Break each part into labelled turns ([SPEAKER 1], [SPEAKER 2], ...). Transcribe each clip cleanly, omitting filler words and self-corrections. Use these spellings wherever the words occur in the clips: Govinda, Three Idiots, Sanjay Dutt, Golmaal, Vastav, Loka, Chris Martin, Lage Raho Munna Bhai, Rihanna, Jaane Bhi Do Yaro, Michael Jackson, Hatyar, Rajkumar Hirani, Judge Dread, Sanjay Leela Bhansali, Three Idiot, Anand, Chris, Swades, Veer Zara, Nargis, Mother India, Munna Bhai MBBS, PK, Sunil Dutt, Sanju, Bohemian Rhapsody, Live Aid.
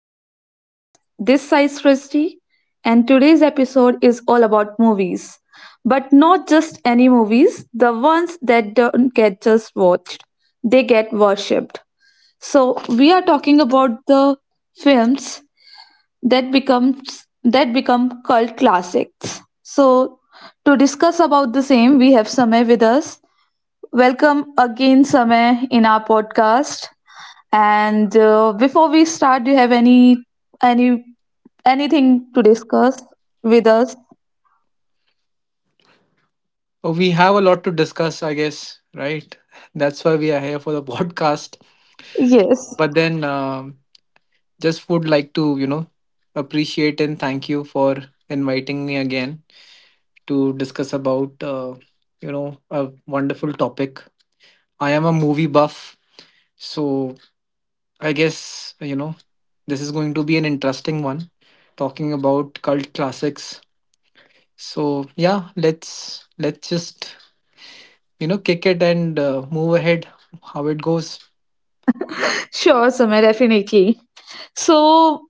[SPEAKER 1] to our podcast. This is Srishti, and today's episode is all about movies, but not just any movies. The ones that don't get just watched, they get worshipped. So we are talking about the films that become cult classics. So to discuss about the same, we have Samay with us. Welcome again, Samay, in our podcast. And before we start, do you have any anything to discuss with us?
[SPEAKER 2] Oh, we have a lot to discuss, I guess, right? That's why we are here for the podcast.
[SPEAKER 1] Yes.
[SPEAKER 2] But then, um, just would like to, you know, appreciate and thank you for inviting me again to discuss about, you know, a wonderful topic. I am a movie buff, so I guess, you know, this is going to be an interesting one talking about cult classics. So, yeah, let's just, you know, kick it and move ahead how it goes.
[SPEAKER 1] Sure, Samay, definitely. So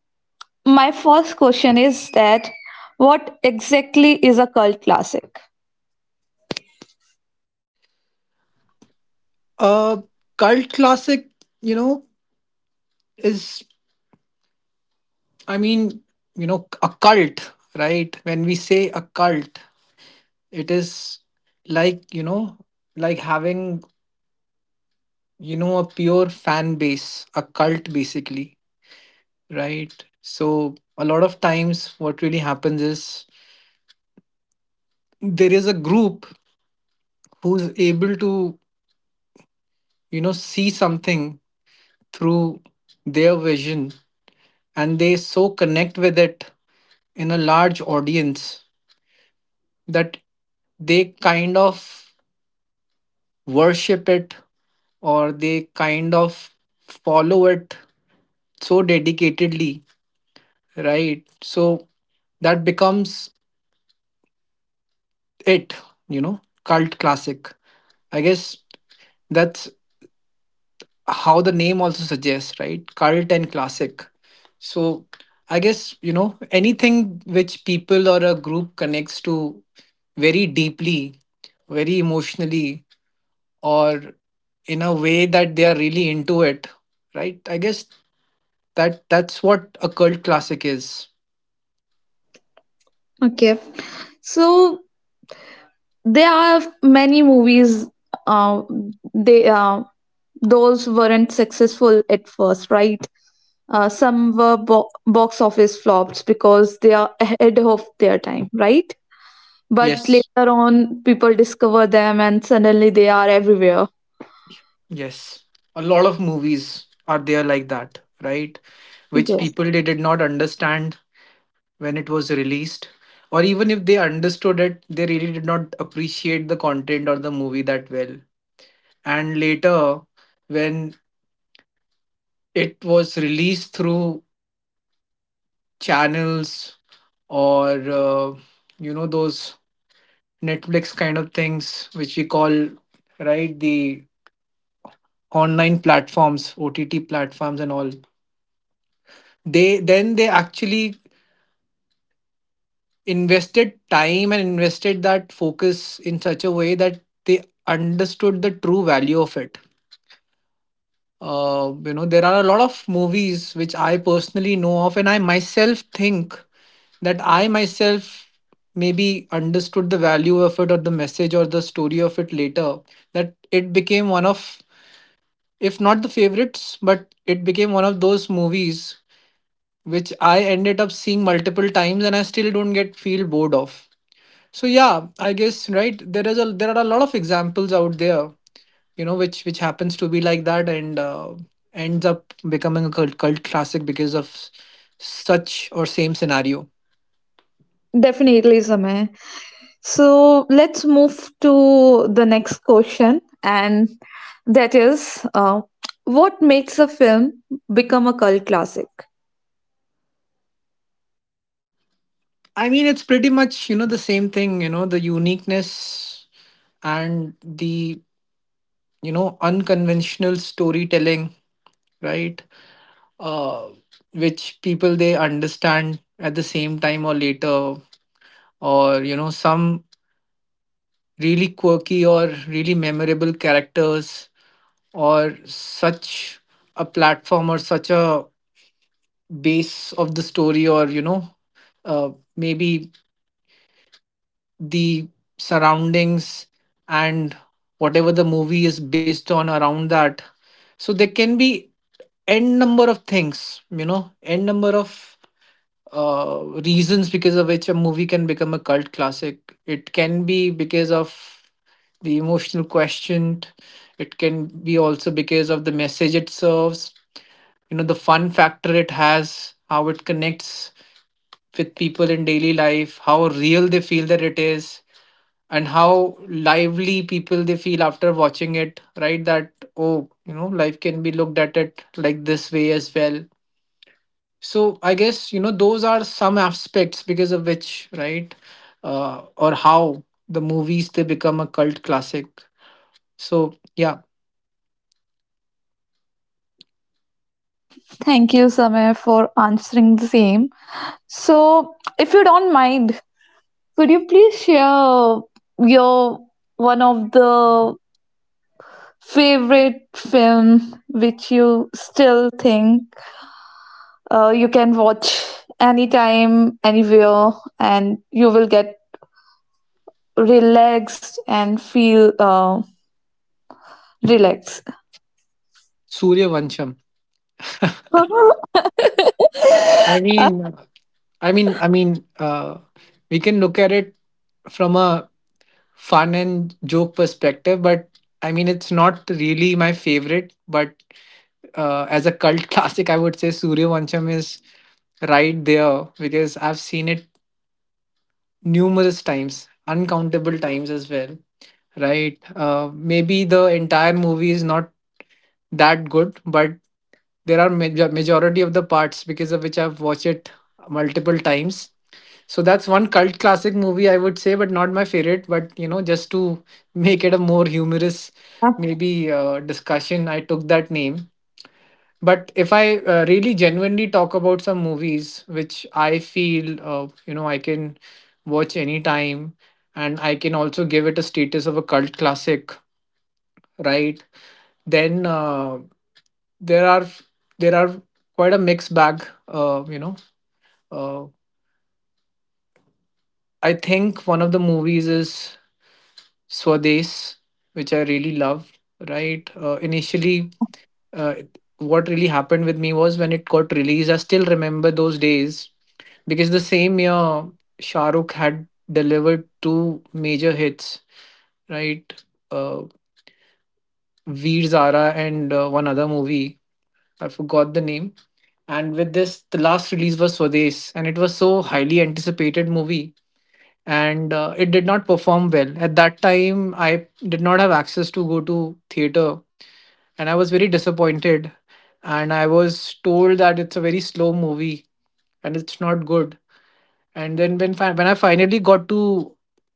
[SPEAKER 1] my first question is that what exactly is a cult classic?
[SPEAKER 2] A cult classic, you know, is, I mean, you know, a cult, right? When we say a cult, it is, like, you know, like having, you know, a pure fan base, a cult basically, right? So a lot of times what really happens is there is a group who's able to, you know, see something through their vision, and they so connect with it in a large audience that they kind of worship it or they kind of follow it so dedicatedly, right? So that becomes it, you know, cult classic. I guess that's how the name also suggests, right? Cult and classic. So I guess, you know, anything which people or a group connects to very deeply, very emotionally, or in a way that they are really into it, right? I guess that's what a cult classic is.
[SPEAKER 1] Okay, so there are many movies. Uh, they Those weren't successful at first, right? Some were box office flops because they are ahead of their time, right? But
[SPEAKER 2] Yes,
[SPEAKER 1] later on, people discover them and suddenly they are everywhere.
[SPEAKER 2] yes, a lot of movies are there like that, right? Which
[SPEAKER 1] Yes,
[SPEAKER 2] people, they did not understand when it was released, or even if they understood it, they really did not appreciate the content or the movie that well. And later, when it was released through channels or you know, those Netflix kind of things, which we call, right, the online platforms, OTT platforms, and all. They then they actually invested time and invested that focus in such a way that they understood the true value of it. You know, there are a lot of movies which I personally know of, and I myself think that I myself maybe understood the value of it or the message or the story of it later, that it became one of, if not the favorites, but it became one of those movies which I ended up seeing multiple times and I still don't get feel bored of. So yeah, I guess, right, there are a lot of examples out there, you know, which happens to be like that, and ends up becoming a cult classic because of such or same scenario.
[SPEAKER 1] definitely, Samay. So let's move to the next question, and that is what makes a film become a cult classic?
[SPEAKER 2] I mean, it's pretty much, you know, the same thing, you know, the uniqueness and the, you know, unconventional storytelling, right? uh, which people, they understand at the same time or later, or, you know, some really quirky or really memorable characters, or such a platform or such a base of the story, or you know, uh, maybe the surroundings and whatever the movie is based on around that. So there can be n number of things, you know, n number of reasons because of which a movie can become a cult classic. It can be because of the emotional quotient. It can be also because of the message it serves. You know, the fun factor it has, how it connects with people in daily life, how real they feel that it is, and how lively people they feel after watching it. Right? That, oh, you know, life can be looked at it like this way as well. So I guess, you know, those are some aspects because of which, right, or how the movies they become a cult classic. So yeah.
[SPEAKER 1] Thank you, Samay, for answering the same. So, if you don't mind, could you please share your one of the favorite film which you still think you can watch anytime, anywhere, and you will get relaxed and feel relaxed.
[SPEAKER 2] Surya Vancham.
[SPEAKER 1] No
[SPEAKER 2] I mean, I mean, we can look at it from a fun and joke perspective, but I mean, it's not really my favorite. But as a cult classic, I would say Surya Vancham is right there because I've seen it numerous times, uncountable times as well, right? Maybe the entire movie is not that good, but there are majority of the parts because of which I've watched it multiple times. So that's one cult classic movie I would say, but not my favorite. But you know, just to make it a more humorous, maybe discussion, I took that name. But if I really genuinely talk about some movies which I feel, you know, I can watch anytime, and I can also give it a status of a cult classic, right? Then there are there are quite a mixed bag, you know. Uh, I think one of the movies is Swades, which I really love, right? Initially, uh, what really happened with me was when it got released. I still remember those days because the same year Shah Rukh had delivered two major hits, right? Uh, Veer Zara and one other movie. I forgot the name. And with this, the last release was Swades, and it was so highly anticipated movie. And it did not perform well at that time. I did not have access to go to theater, and I was very disappointed. And I was told that it's a very slow movie and it's not good. And then when I finally got to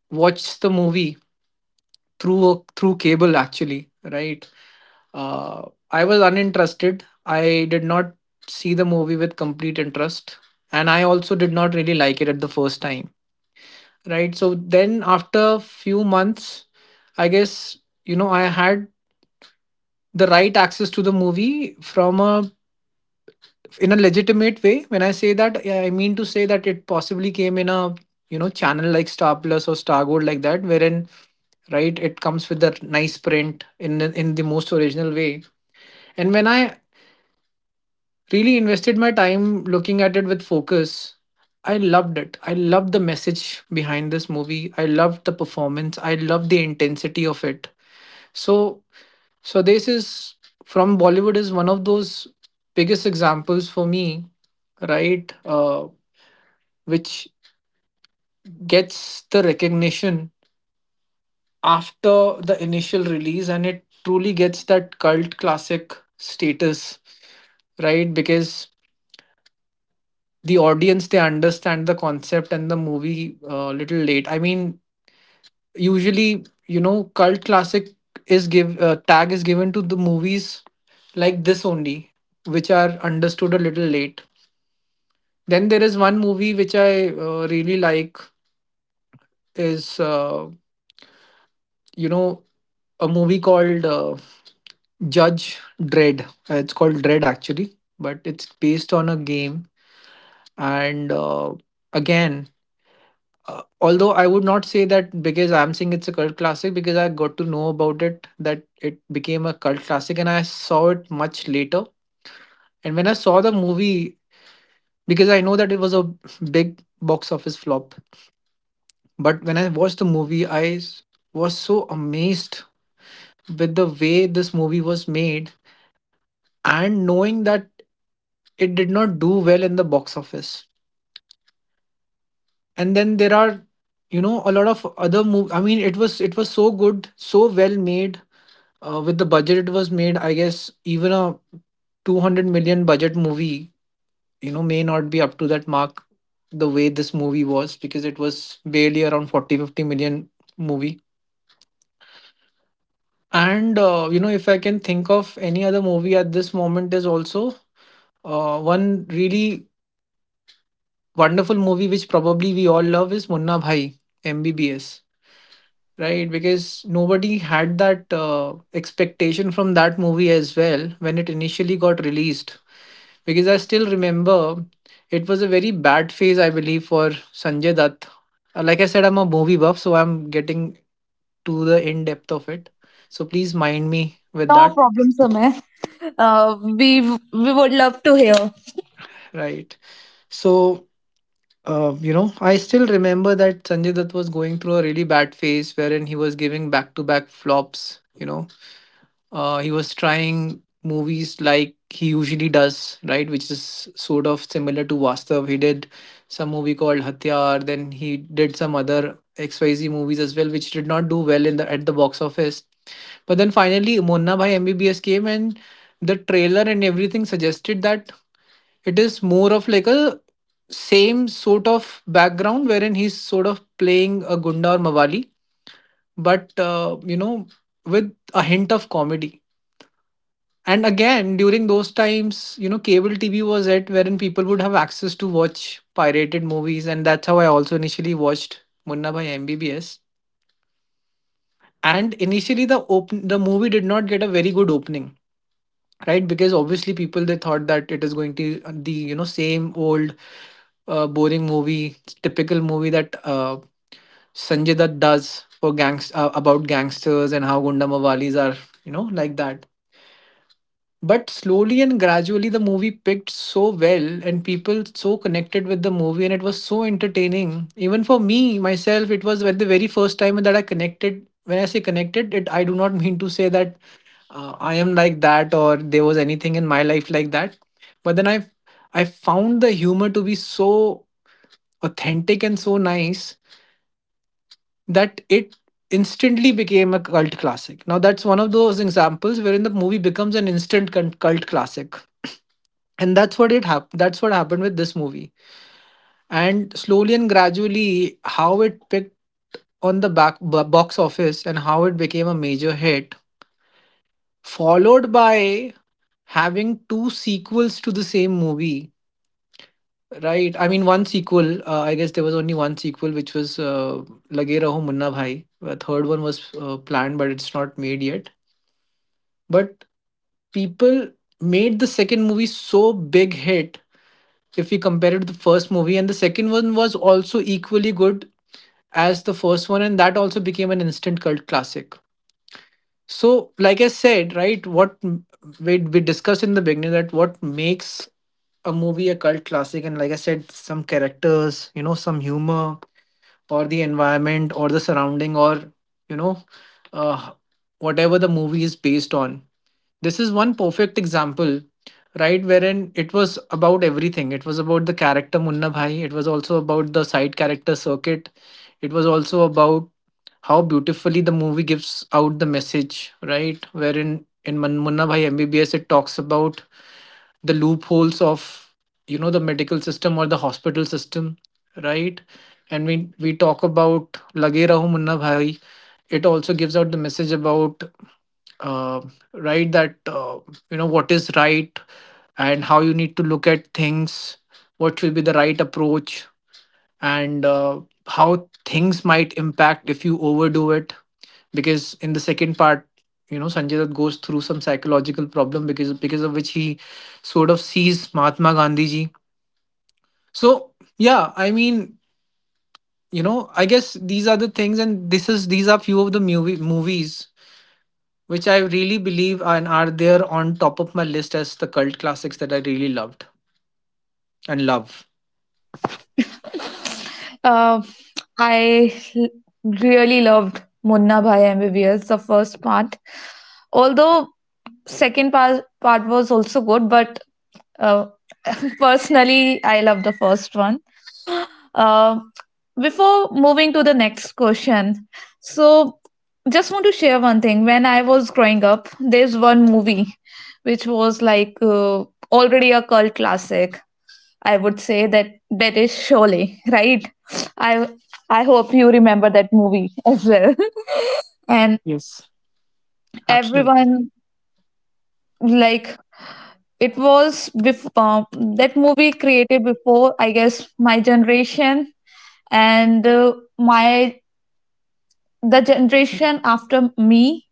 [SPEAKER 2] watch the movie through through cable, actually, right? I was uninterested. I did not see the movie with complete interest, and I also did not really like it at the first time, right? So then after a few months, I guess, you know, I had the right access to the movie from a in a legitimate way. When I say that, yeah, I mean to say that it possibly came in a, you know, channel like Star Plus or Star Gold, like that, wherein, right, it comes with that nice print in the most original way. And when I really invested my time looking at it with focus, I loved it. I loved the message behind this movie. I loved the performance. I loved the intensity of it. So so this is from Bollywood, is one of those biggest examples for me, right? Which gets the recognition after the initial release, and it truly gets that cult classic status, right? Because the audience, they understand the concept and the movie a little late. I mean, usually, you know, cult classic is, give tag is given to the movies like this only, which are understood a little late. Then there is one movie which I really like is, you know, a movie called Judge Dread. It's called Dread, actually, but it's based on a game. And again, although I would not say that, because I'm saying it's a cult classic, because I got to know about it that it became a cult classic, and I saw it much later. And when I saw the movie, because I know that it was a big box office flop, but when I watched the movie, was so amazed with the way this movie was made, and knowing that it did not do well in the box office. And then there are, you know, a lot of other movies. I mean, it was so good, so well made. With the budget it was made, I guess even a 200 million budget movie, you know, may not be up to that mark the way this movie was, because it was barely around 40 50 million movie. And you know, if I can think of any other movie at this moment, is also one really wonderful movie which probably we all love is Munna Bhai MBBS, right? Because nobody had that expectation from that movie as well when it initially got released. Because I still remember it was a very bad phase, I believe, for Sanjay Dutt. Like I said, I'm a movie buff, so I'm getting to the in depth of it. So please mind me with that,
[SPEAKER 1] problem, Sumit. Uh, we we would love to hear.
[SPEAKER 2] right? So you know, I still remember that Sanjay Dutt was going through a really bad phase wherein he was giving back to back flops. You know, he was trying movies like he usually does, right? Which is sort of similar to Vastav. He did some movie called Hatyar, then he did some other XYZ movies as well, which did not do well in the at the box office. But then finally, Monna Bhai MBBS came, and the trailer and everything suggested that it is more of like a same sort of background wherein he's sort of playing a Gunda or Mawali, but you know, with a hint of comedy. And again, during those times, you know, cable TV was at wherein people would have access to watch pirated movies, and that's how I also initially watched Munna Bhai MBBS. And initially, the movie did not get a very good opening, right? Because obviously people, they thought that it is going to the same old boring movie, typical movie that Sanjay Dutt does for gangs about gangsters and how gundamavalis are, you know, like that. But slowly and gradually, the movie picked so well, and people so connected with the movie, and it was so entertaining. Even for me, myself, it was at the very first time that I connected. When I say connected, it I do not mean to say that I am like that or there was anything in my life like that. But then I found the humor to be so authentic and so nice that it instantly became a cult classic. Now, that's one of those examples wherein the movie becomes an instant cult classic. And that's what it happened. That's what happened with this movie. And slowly and gradually, how it picked on the box office and how it became a major hit, followed by having two sequels to the same movie. Right. I mean, one sequel. I guess there was only one sequel, which was Lage Raho Munna Bhai. A third one was planned, but it's not made yet. But people made the second movie so big hit, if we compare it to the first movie, and the second one was also equally good as the first one, and that also became an instant cult classic. So, like I said, right, we discussed in the beginning that what makes a movie a cult classic, and like I said, some characters, you know, some humor, or the environment or the surrounding, or you know, uh, whatever the movie is based on, this is one perfect example. Right? Wherein it was about everything. It was about the character Munna Bhai, it was also about the side character Circuit, it was also about how beautifully the movie gives out the message. Right? Wherein in Munna Bhai MBBS, it talks about the loopholes of, you know, the medical system or the hospital system, right? And we talk about Lage Raho Munna Bhai, it also gives out the message about, uh, right, that you know, what is right and how you need to look at things, what should be the right approach, and how things might impact if you overdo it. Because in the second part, you know, Sanjay Dutt goes through some psychological problem because of which he sort of sees Mahatma Gandhi ji. So yeah, I mean, you know, I guess these are the things, and this is these are few of the movies which I really believe and are there on top of my list as the cult classics that I really loved and love.
[SPEAKER 1] Uh, I l- really loved Munna Bhai MBBS, the first part. Although second part was also good, but uh, personally, I love the first one. Uh, before moving to the next question, so just want to share one thing. When I was growing up, there's one movie which was like already a cult classic, I would say that that is Sholay, right? I I hope you remember that movie as well. And
[SPEAKER 2] Yes, absolutely.
[SPEAKER 1] everyone, like, it was before uh, that movie created before, I guess, my generation and my the generation after me,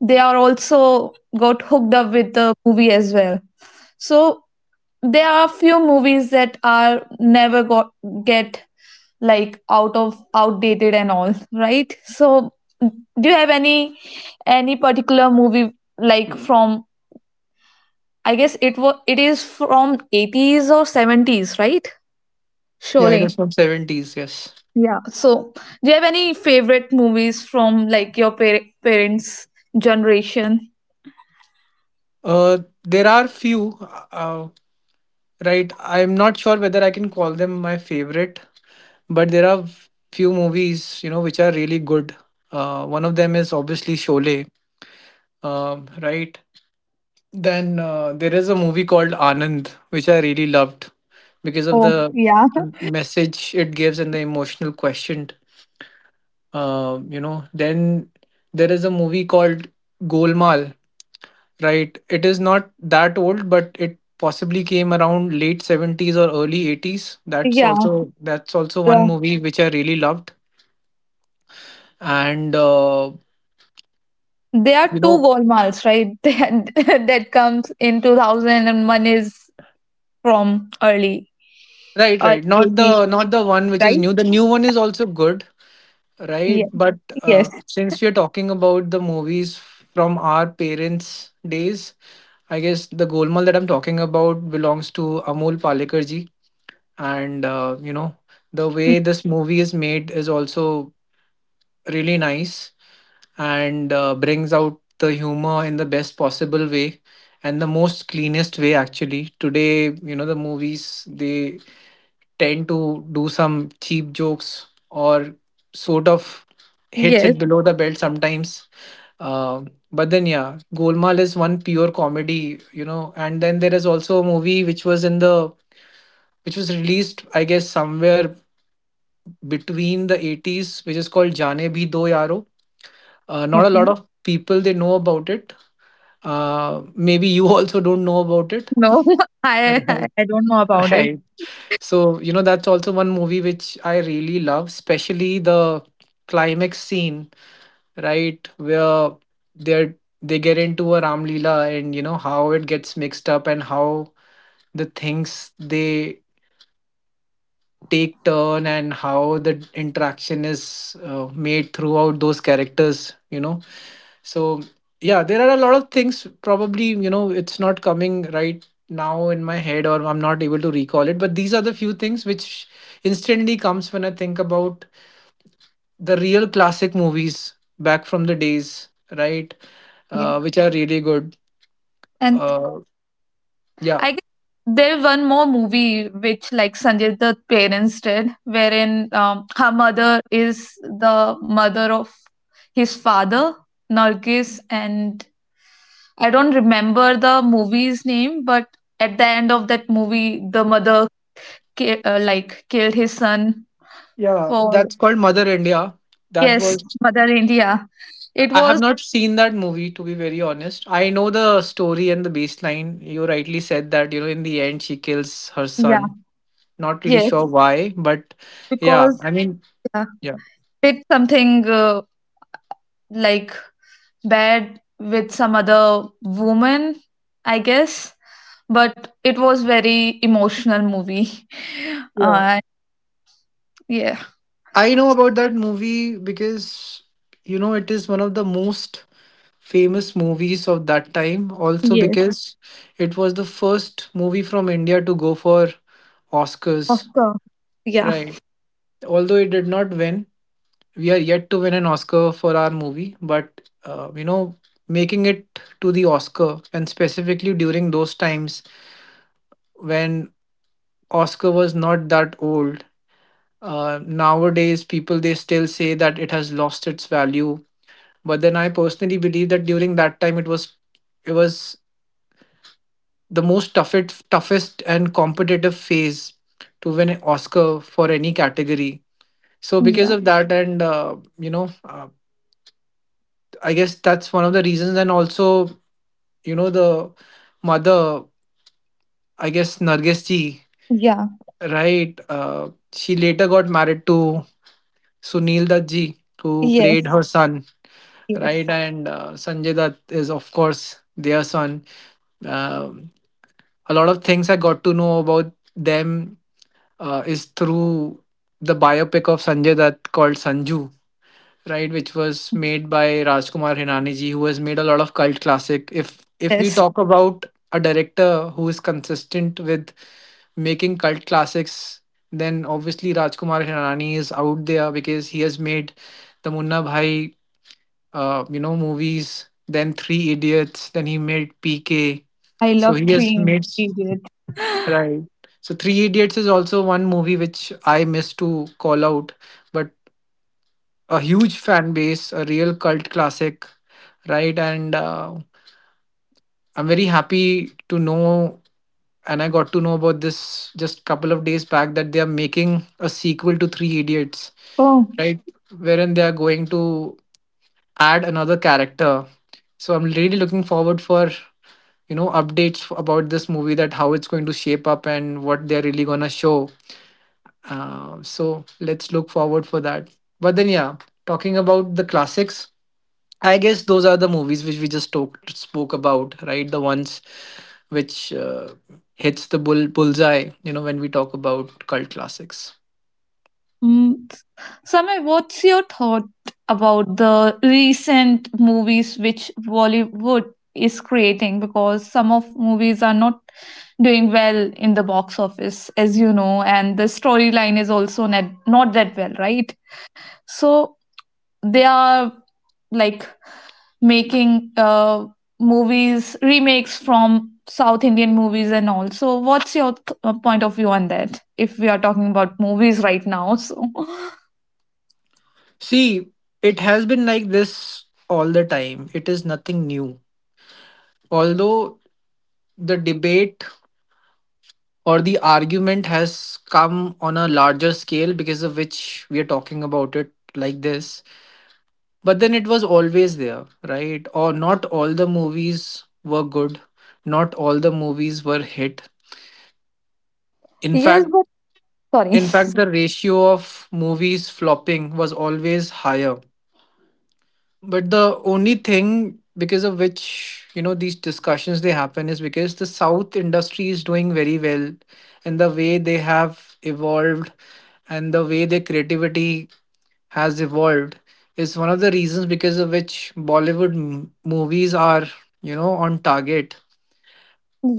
[SPEAKER 1] they are also got hooked up with the movie as well. So there are few movies that are never got get, like, out of outdated and all, right? So do you have any particular movie, like, from, I guess it was, it is from 80s or 70s, right?
[SPEAKER 2] Yeah, it was
[SPEAKER 1] Surely.
[SPEAKER 2] from 70s, yes.
[SPEAKER 1] Yeah. So do you have any favorite movies from, like, your parents generation?
[SPEAKER 2] Uh, there are few, right? I'm not sure whether I can call them my favorite, but there are few movies, you know, which are really good. One of them is obviously Sholay, right? Then there is a movie called Anand, which I really loved because of
[SPEAKER 1] Oh,
[SPEAKER 2] the
[SPEAKER 1] yeah.
[SPEAKER 2] message it gives and the emotional quotient. You know, then there is a movie called Golmaal. Right. It is not that old, but it possibly came around late 70s or early 80s.
[SPEAKER 1] yeah.
[SPEAKER 2] That's also one
[SPEAKER 1] The,
[SPEAKER 2] movie which I really loved. And
[SPEAKER 1] there are
[SPEAKER 2] you
[SPEAKER 1] two
[SPEAKER 2] know,
[SPEAKER 1] golmals, right? That, that comes in 2001 is from early
[SPEAKER 2] right,
[SPEAKER 1] early
[SPEAKER 2] right.
[SPEAKER 1] 80s,
[SPEAKER 2] Not the one which is
[SPEAKER 1] right?
[SPEAKER 2] new. The new one is also good,
[SPEAKER 1] Yeah.
[SPEAKER 2] right? But
[SPEAKER 1] Yes.
[SPEAKER 2] since we are talking about the movies from our parents' days, I guess the Golmaal that I'm talking about belongs to Amol Palekar ji. And you know, the way
[SPEAKER 1] Mm.
[SPEAKER 2] this movie is made is also really nice, and brings out the humor in the best possible way and the most cleanest way. Actually, today, you know, the movies, they tend to do some cheap jokes or sort of hits
[SPEAKER 1] Yes.
[SPEAKER 2] it below the belt sometimes. uh, but then yeah, Golmaal is one pure comedy, you know. And then there is also a movie which was in the which was released, I guess, somewhere between the 80s, which is called Jaane Bhi Do Yaro. Not a
[SPEAKER 1] Okay.
[SPEAKER 2] lot of people they know about it. Maybe you also don't know about it.
[SPEAKER 1] No, I
[SPEAKER 2] Right.
[SPEAKER 1] I don't know about it.
[SPEAKER 2] Right. So, you know, that's also one movie which I really love, especially the climax scene, right, where they're they get into a Ramlila, and you know how it gets mixed up and how the things they take turn and how the interaction is made throughout those characters, you know. So yeah, there are a lot of things, probably, you know, it's not coming right now in my head, or I'm not able to recall it, but these are the few things which instantly comes when I think about the real classic movies back from the days, right?
[SPEAKER 1] Yeah.
[SPEAKER 2] Which are really good.
[SPEAKER 1] And
[SPEAKER 2] uh, yeah.
[SPEAKER 1] I guess there's one more movie which, like, Sanjay Dutt's parents did, wherein her mother is the mother of his father, Nargis, and I don't remember the movie's name, but at the end of that movie, the mother like killed his son
[SPEAKER 2] Yeah,
[SPEAKER 1] for
[SPEAKER 2] that's called Mother India. That
[SPEAKER 1] yes,
[SPEAKER 2] was,
[SPEAKER 1] Mother India. It
[SPEAKER 2] I have
[SPEAKER 1] was
[SPEAKER 2] not seen that movie, to be very honest. I know the story and the baseline. You rightly said that, you know, in the end she kills her
[SPEAKER 1] yeah,
[SPEAKER 2] son. Not really
[SPEAKER 1] yes,
[SPEAKER 2] sure why, but yeah,
[SPEAKER 1] because
[SPEAKER 2] I mean,
[SPEAKER 1] yeah,
[SPEAKER 2] yeah.
[SPEAKER 1] did something like bad with some other woman, I guess. But it was very emotional movie.
[SPEAKER 2] Yeah.
[SPEAKER 1] Uh, yeah.
[SPEAKER 2] I know about that movie because, you know, it is one of the most famous movies of that time, also
[SPEAKER 1] Yes,
[SPEAKER 2] because it was the first movie from India to go for
[SPEAKER 1] of
[SPEAKER 2] Oscars,
[SPEAKER 1] course. Yeah,
[SPEAKER 2] right? Although it did not win, we are yet to win an Oscar for our movie, but you know, making it to the Oscar and specifically during those times when Oscar was not that old. Nowadays, people they still say that it has lost its value, but then I personally believe that during that time it was the most toughest and competitive phase to win an Oscar for any category. So because
[SPEAKER 1] yeah,
[SPEAKER 2] of that, and I guess that's one of the reasons, and also, you know, the mother, I guess Nargis ji,
[SPEAKER 1] yeah.
[SPEAKER 2] right? She later got married to Sunil Dutt ji, who played
[SPEAKER 1] Yes,
[SPEAKER 2] her son,
[SPEAKER 1] yes,
[SPEAKER 2] right? And Sanjay Dutt is of course their son. Um, a lot of things I got to know about them is through the biopic of Sanjay Dutt called Sanju, right? Which was made by Rajkumar Hirani ji, who has made a lot of cult classic. If we
[SPEAKER 1] yes.
[SPEAKER 2] talk about a director who is consistent with making cult classics, then obviously Rajkumar Hirani is out there, because he has made the Munna Bhai, you know, movies, then Three Idiots, then he made PK.
[SPEAKER 1] I
[SPEAKER 2] So
[SPEAKER 1] love
[SPEAKER 2] he has
[SPEAKER 1] Three
[SPEAKER 2] made,
[SPEAKER 1] Idiot.
[SPEAKER 2] right? So Three Idiots is also one movie which I miss to call out, but a huge fan base, a real cult classic, right? And I'm very happy to know, and I got to know about this just couple of days back, that they are making a sequel to Three Idiots,
[SPEAKER 1] Oh.
[SPEAKER 2] right? Wherein they are going to add another character. So I'm really looking forward for, you know, updates about this movie, that how it's going to shape up and what they're really gonna show. So let's look forward for that. But then yeah, talking about the classics. I guess those are the movies which we just talked spoke about, right? The ones which hits the bullseye, you know, when we talk about cult classics.
[SPEAKER 1] Mm. Samir, what's your thought about the recent movies which Bollywood is creating? Because some of movies are not doing well in the box office, as you know, and the storyline is also not that well, right? So they are, like, making movies remakes from South Indian movies and all. So what's your point of view on that? If we are talking about movies right now, so.
[SPEAKER 2] See, it has been like this all the time. It is nothing new. Although the debate or the argument has come on a larger scale, because of which we are talking about it like this, but then it was always there, right? Or not all the movies were good, not all the movies were hit. In
[SPEAKER 1] Yes.
[SPEAKER 2] fact,
[SPEAKER 1] Sorry.
[SPEAKER 2] in fact, the ratio of movies flopping was always higher. But the only thing because of which, you know, these discussions they happen, is because the South industry is doing very well, and the way they have evolved, and the way their creativity has evolved, is one of the reasons because of which movies are, you know, on target.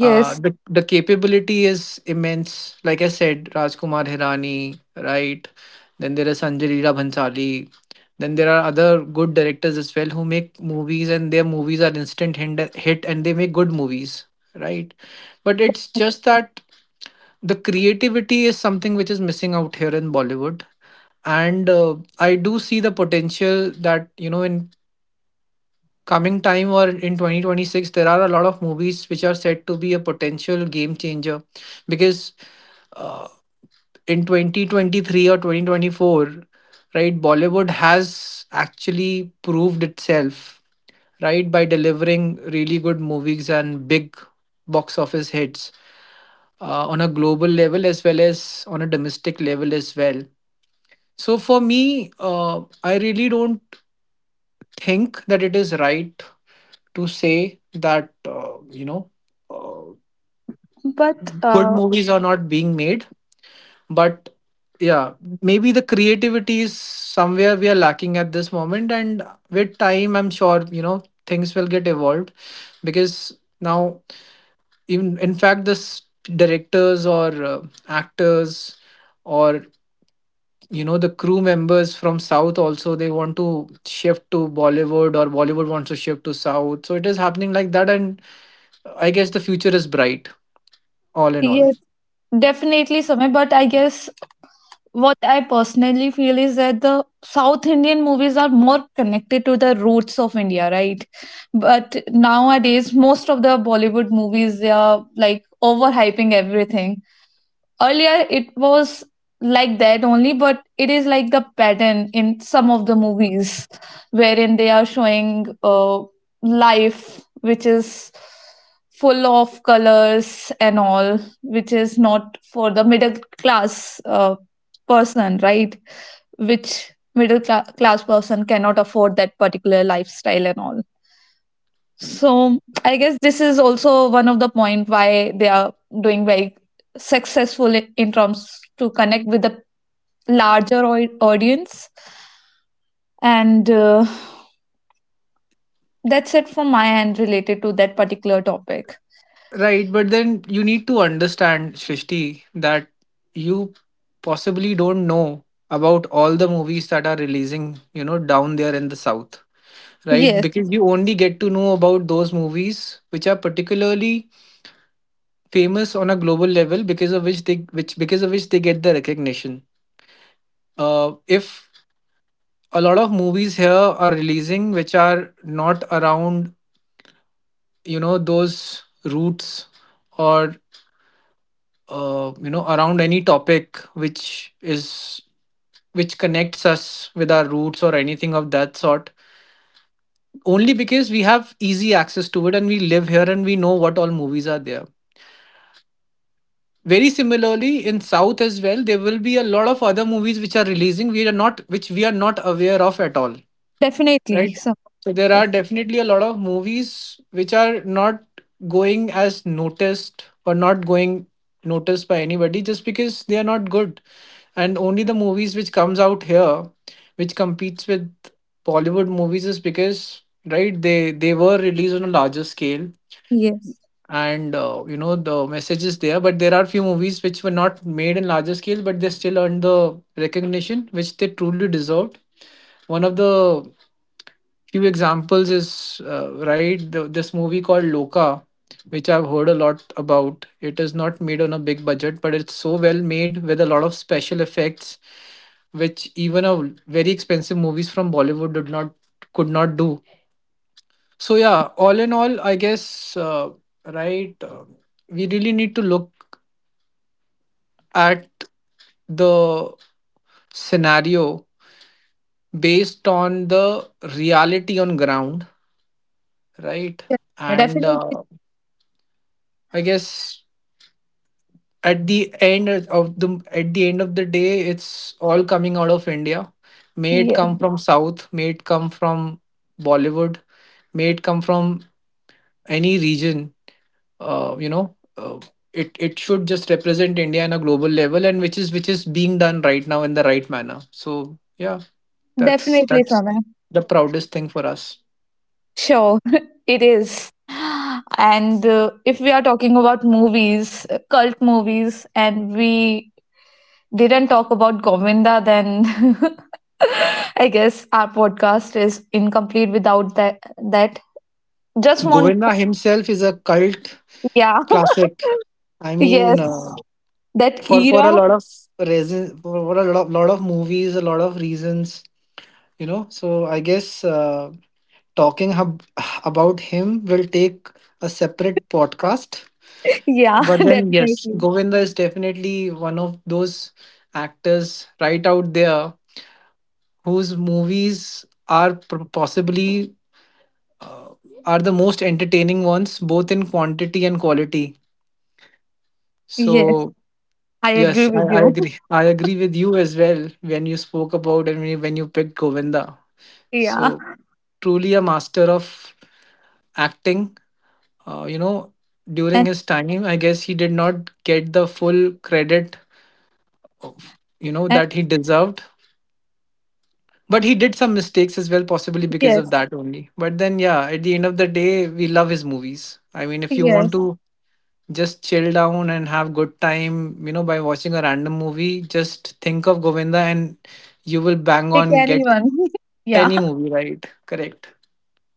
[SPEAKER 2] The capability is immense. Like I said, Rajkumar Hirani, right? Then there is Sanjay Leela Bhansali. Then there are other good directors as well who make movies, and their movies are instant hit, and they make good movies, right? But it's just that the creativity is something which is missing out here in Bollywood, and I do see the potential that you know in coming time or in 2026 there are a lot of movies which are said to be a potential game changer because uh, in 2023 or 2024, right, Bollywood has actually proved itself, right, by delivering really good movies and big box office hits, on a global level as well as on a domestic level as well. So for me, I really don't think that it is right to say that uh,
[SPEAKER 1] but
[SPEAKER 2] good movies are not being made. But yeah, maybe the creativity is somewhere we are lacking at this moment, and with time I'm sure, you know, things will get evolved. Because now, even in fact, this directors or actors or you know the crew members from South also, they want to shift to Bollywood or Bollywood wants to shift to South. So it is happening like that, and I guess the future is bright all in all.
[SPEAKER 1] yes, definitely, Samay. But I guess what I personally feel is that the South Indian movies are more connected to the roots of India, right? But nowadays, most of the Bollywood movies they are, like, overhyping everything. Earlier, it was like that only, but it is like the pattern in some of the movies wherein they are showing life which is full of colors and all, which is not for the middle class person, right? Which middle class person cannot afford that particular lifestyle and all. So I guess this is also one of the point why they are doing very successful in terms to connect with the larger audience. And that's it from my end related to that particular topic.
[SPEAKER 2] Right, but then you need to understand, Shrishti, that you possibly don't know about all the movies that are releasing, you know, down there in the South, right?
[SPEAKER 1] Yes,
[SPEAKER 2] Because you only get to know about those movies which are particularly famous on a global level, because of which they which because of which they get the recognition. If a lot of movies here are releasing which are not around, you know, those roots or you know around any topic which is which connects us with our roots or anything of that sort, only because we have easy access to it and we live here and we know what all movies are there. Very similarly in South as well, there will be a lot of other movies which are releasing we are not which we are not aware of at all, right?
[SPEAKER 1] definitely. So
[SPEAKER 2] So there are
[SPEAKER 1] yes,
[SPEAKER 2] definitely a lot of movies which are not going as noticed or not going noticed by anybody just because they are not good. And only the movies which comes out here, which competes with Bollywood movies, is because, right, they were released on a larger scale,
[SPEAKER 1] yes,
[SPEAKER 2] and you know, the message is there. But there are few movies which were not made in larger scale but they still earned the recognition which they truly deserved. One of the few examples is right, this movie called Loka, which I've heard a lot about. It is not made on a big budget, but it's so well made with a lot of special effects which even a very expensive movies from Bollywood did not could not do. So yeah, all in all, I guess, right, we really need to look at the scenario based on the reality on ground, right? And
[SPEAKER 1] definitely.
[SPEAKER 2] I guess at the end of the day, it's all coming out of India. May it
[SPEAKER 1] Yes,
[SPEAKER 2] come from South, may it come from Bollywood, may it come from any region. Uh, you know, uh, it should just represent India on a global level, and which is being done right now in the right manner. So yeah, that's
[SPEAKER 1] definitely,
[SPEAKER 2] that's
[SPEAKER 1] Samay.
[SPEAKER 2] the proudest thing for us.
[SPEAKER 1] Sure. It is. And if we are talking about movies, cult movies, and we didn't talk about Govinda, then I guess our podcast is incomplete without that. That just want,
[SPEAKER 2] Govinda himself is a cult
[SPEAKER 1] to, yeah,
[SPEAKER 2] classic. I mean.
[SPEAKER 1] yes, that
[SPEAKER 2] For a
[SPEAKER 1] era,
[SPEAKER 2] lot of reason, for a lot of movies, a lot of reasons, you know. So I guess, talking hab- about him will take a separate podcast.
[SPEAKER 1] yeah,
[SPEAKER 2] But then yes,
[SPEAKER 1] definitely,
[SPEAKER 2] Govinda is definitely one of those actors right out there whose movies are possibly uh, are the most entertaining ones, both in quantity and quality.
[SPEAKER 1] yes,
[SPEAKER 2] So
[SPEAKER 1] I agree
[SPEAKER 2] yes, I,
[SPEAKER 1] with
[SPEAKER 2] I
[SPEAKER 1] you,
[SPEAKER 2] agree. I agree with you as well when you spoke about and when you picked Govinda.
[SPEAKER 1] yeah,
[SPEAKER 2] So truly a master of acting. Uh, you know, during
[SPEAKER 1] and
[SPEAKER 2] his time, I guess he did not get the full credit of you know
[SPEAKER 1] and
[SPEAKER 2] that he deserved. But he did some mistakes as well, possibly because
[SPEAKER 1] yes,
[SPEAKER 2] of that only. But then yeah, at the end of the day, we love his movies. I mean, if you want
[SPEAKER 1] yes,
[SPEAKER 2] to just chill down and have good time, you know, by watching a random movie, just think of Govinda, and you will bang
[SPEAKER 1] pick
[SPEAKER 2] on get
[SPEAKER 1] anyone, yeah.
[SPEAKER 2] any movie, right? Correct.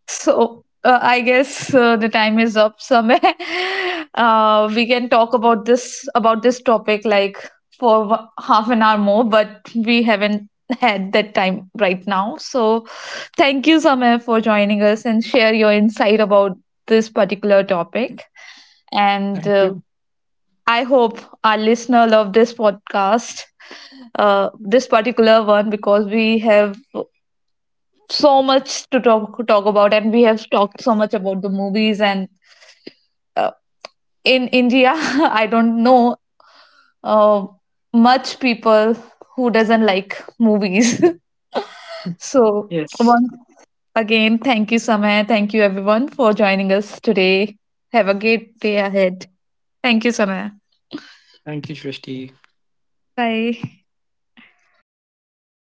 [SPEAKER 1] So I guess the time is up somewhere. Uh, we can talk about this topic like for half an hour more, but we haven't had that time right now. So thank you, Sameh, for joining us and share your insight about this particular topic. And
[SPEAKER 2] Thank you.
[SPEAKER 1] I hope our listener love this podcast, this particular one, because we have so much to talk about, and we have talked so much about the movies. And uh, in India, I don't know uh, much people who doesn't like movies. So
[SPEAKER 2] Yes,
[SPEAKER 1] once again, thank you, Samaya. Thank you, everyone, for joining us today. Have a great day ahead. Thank you, Samaya.
[SPEAKER 2] thank you, Shrishti.
[SPEAKER 1] Bye.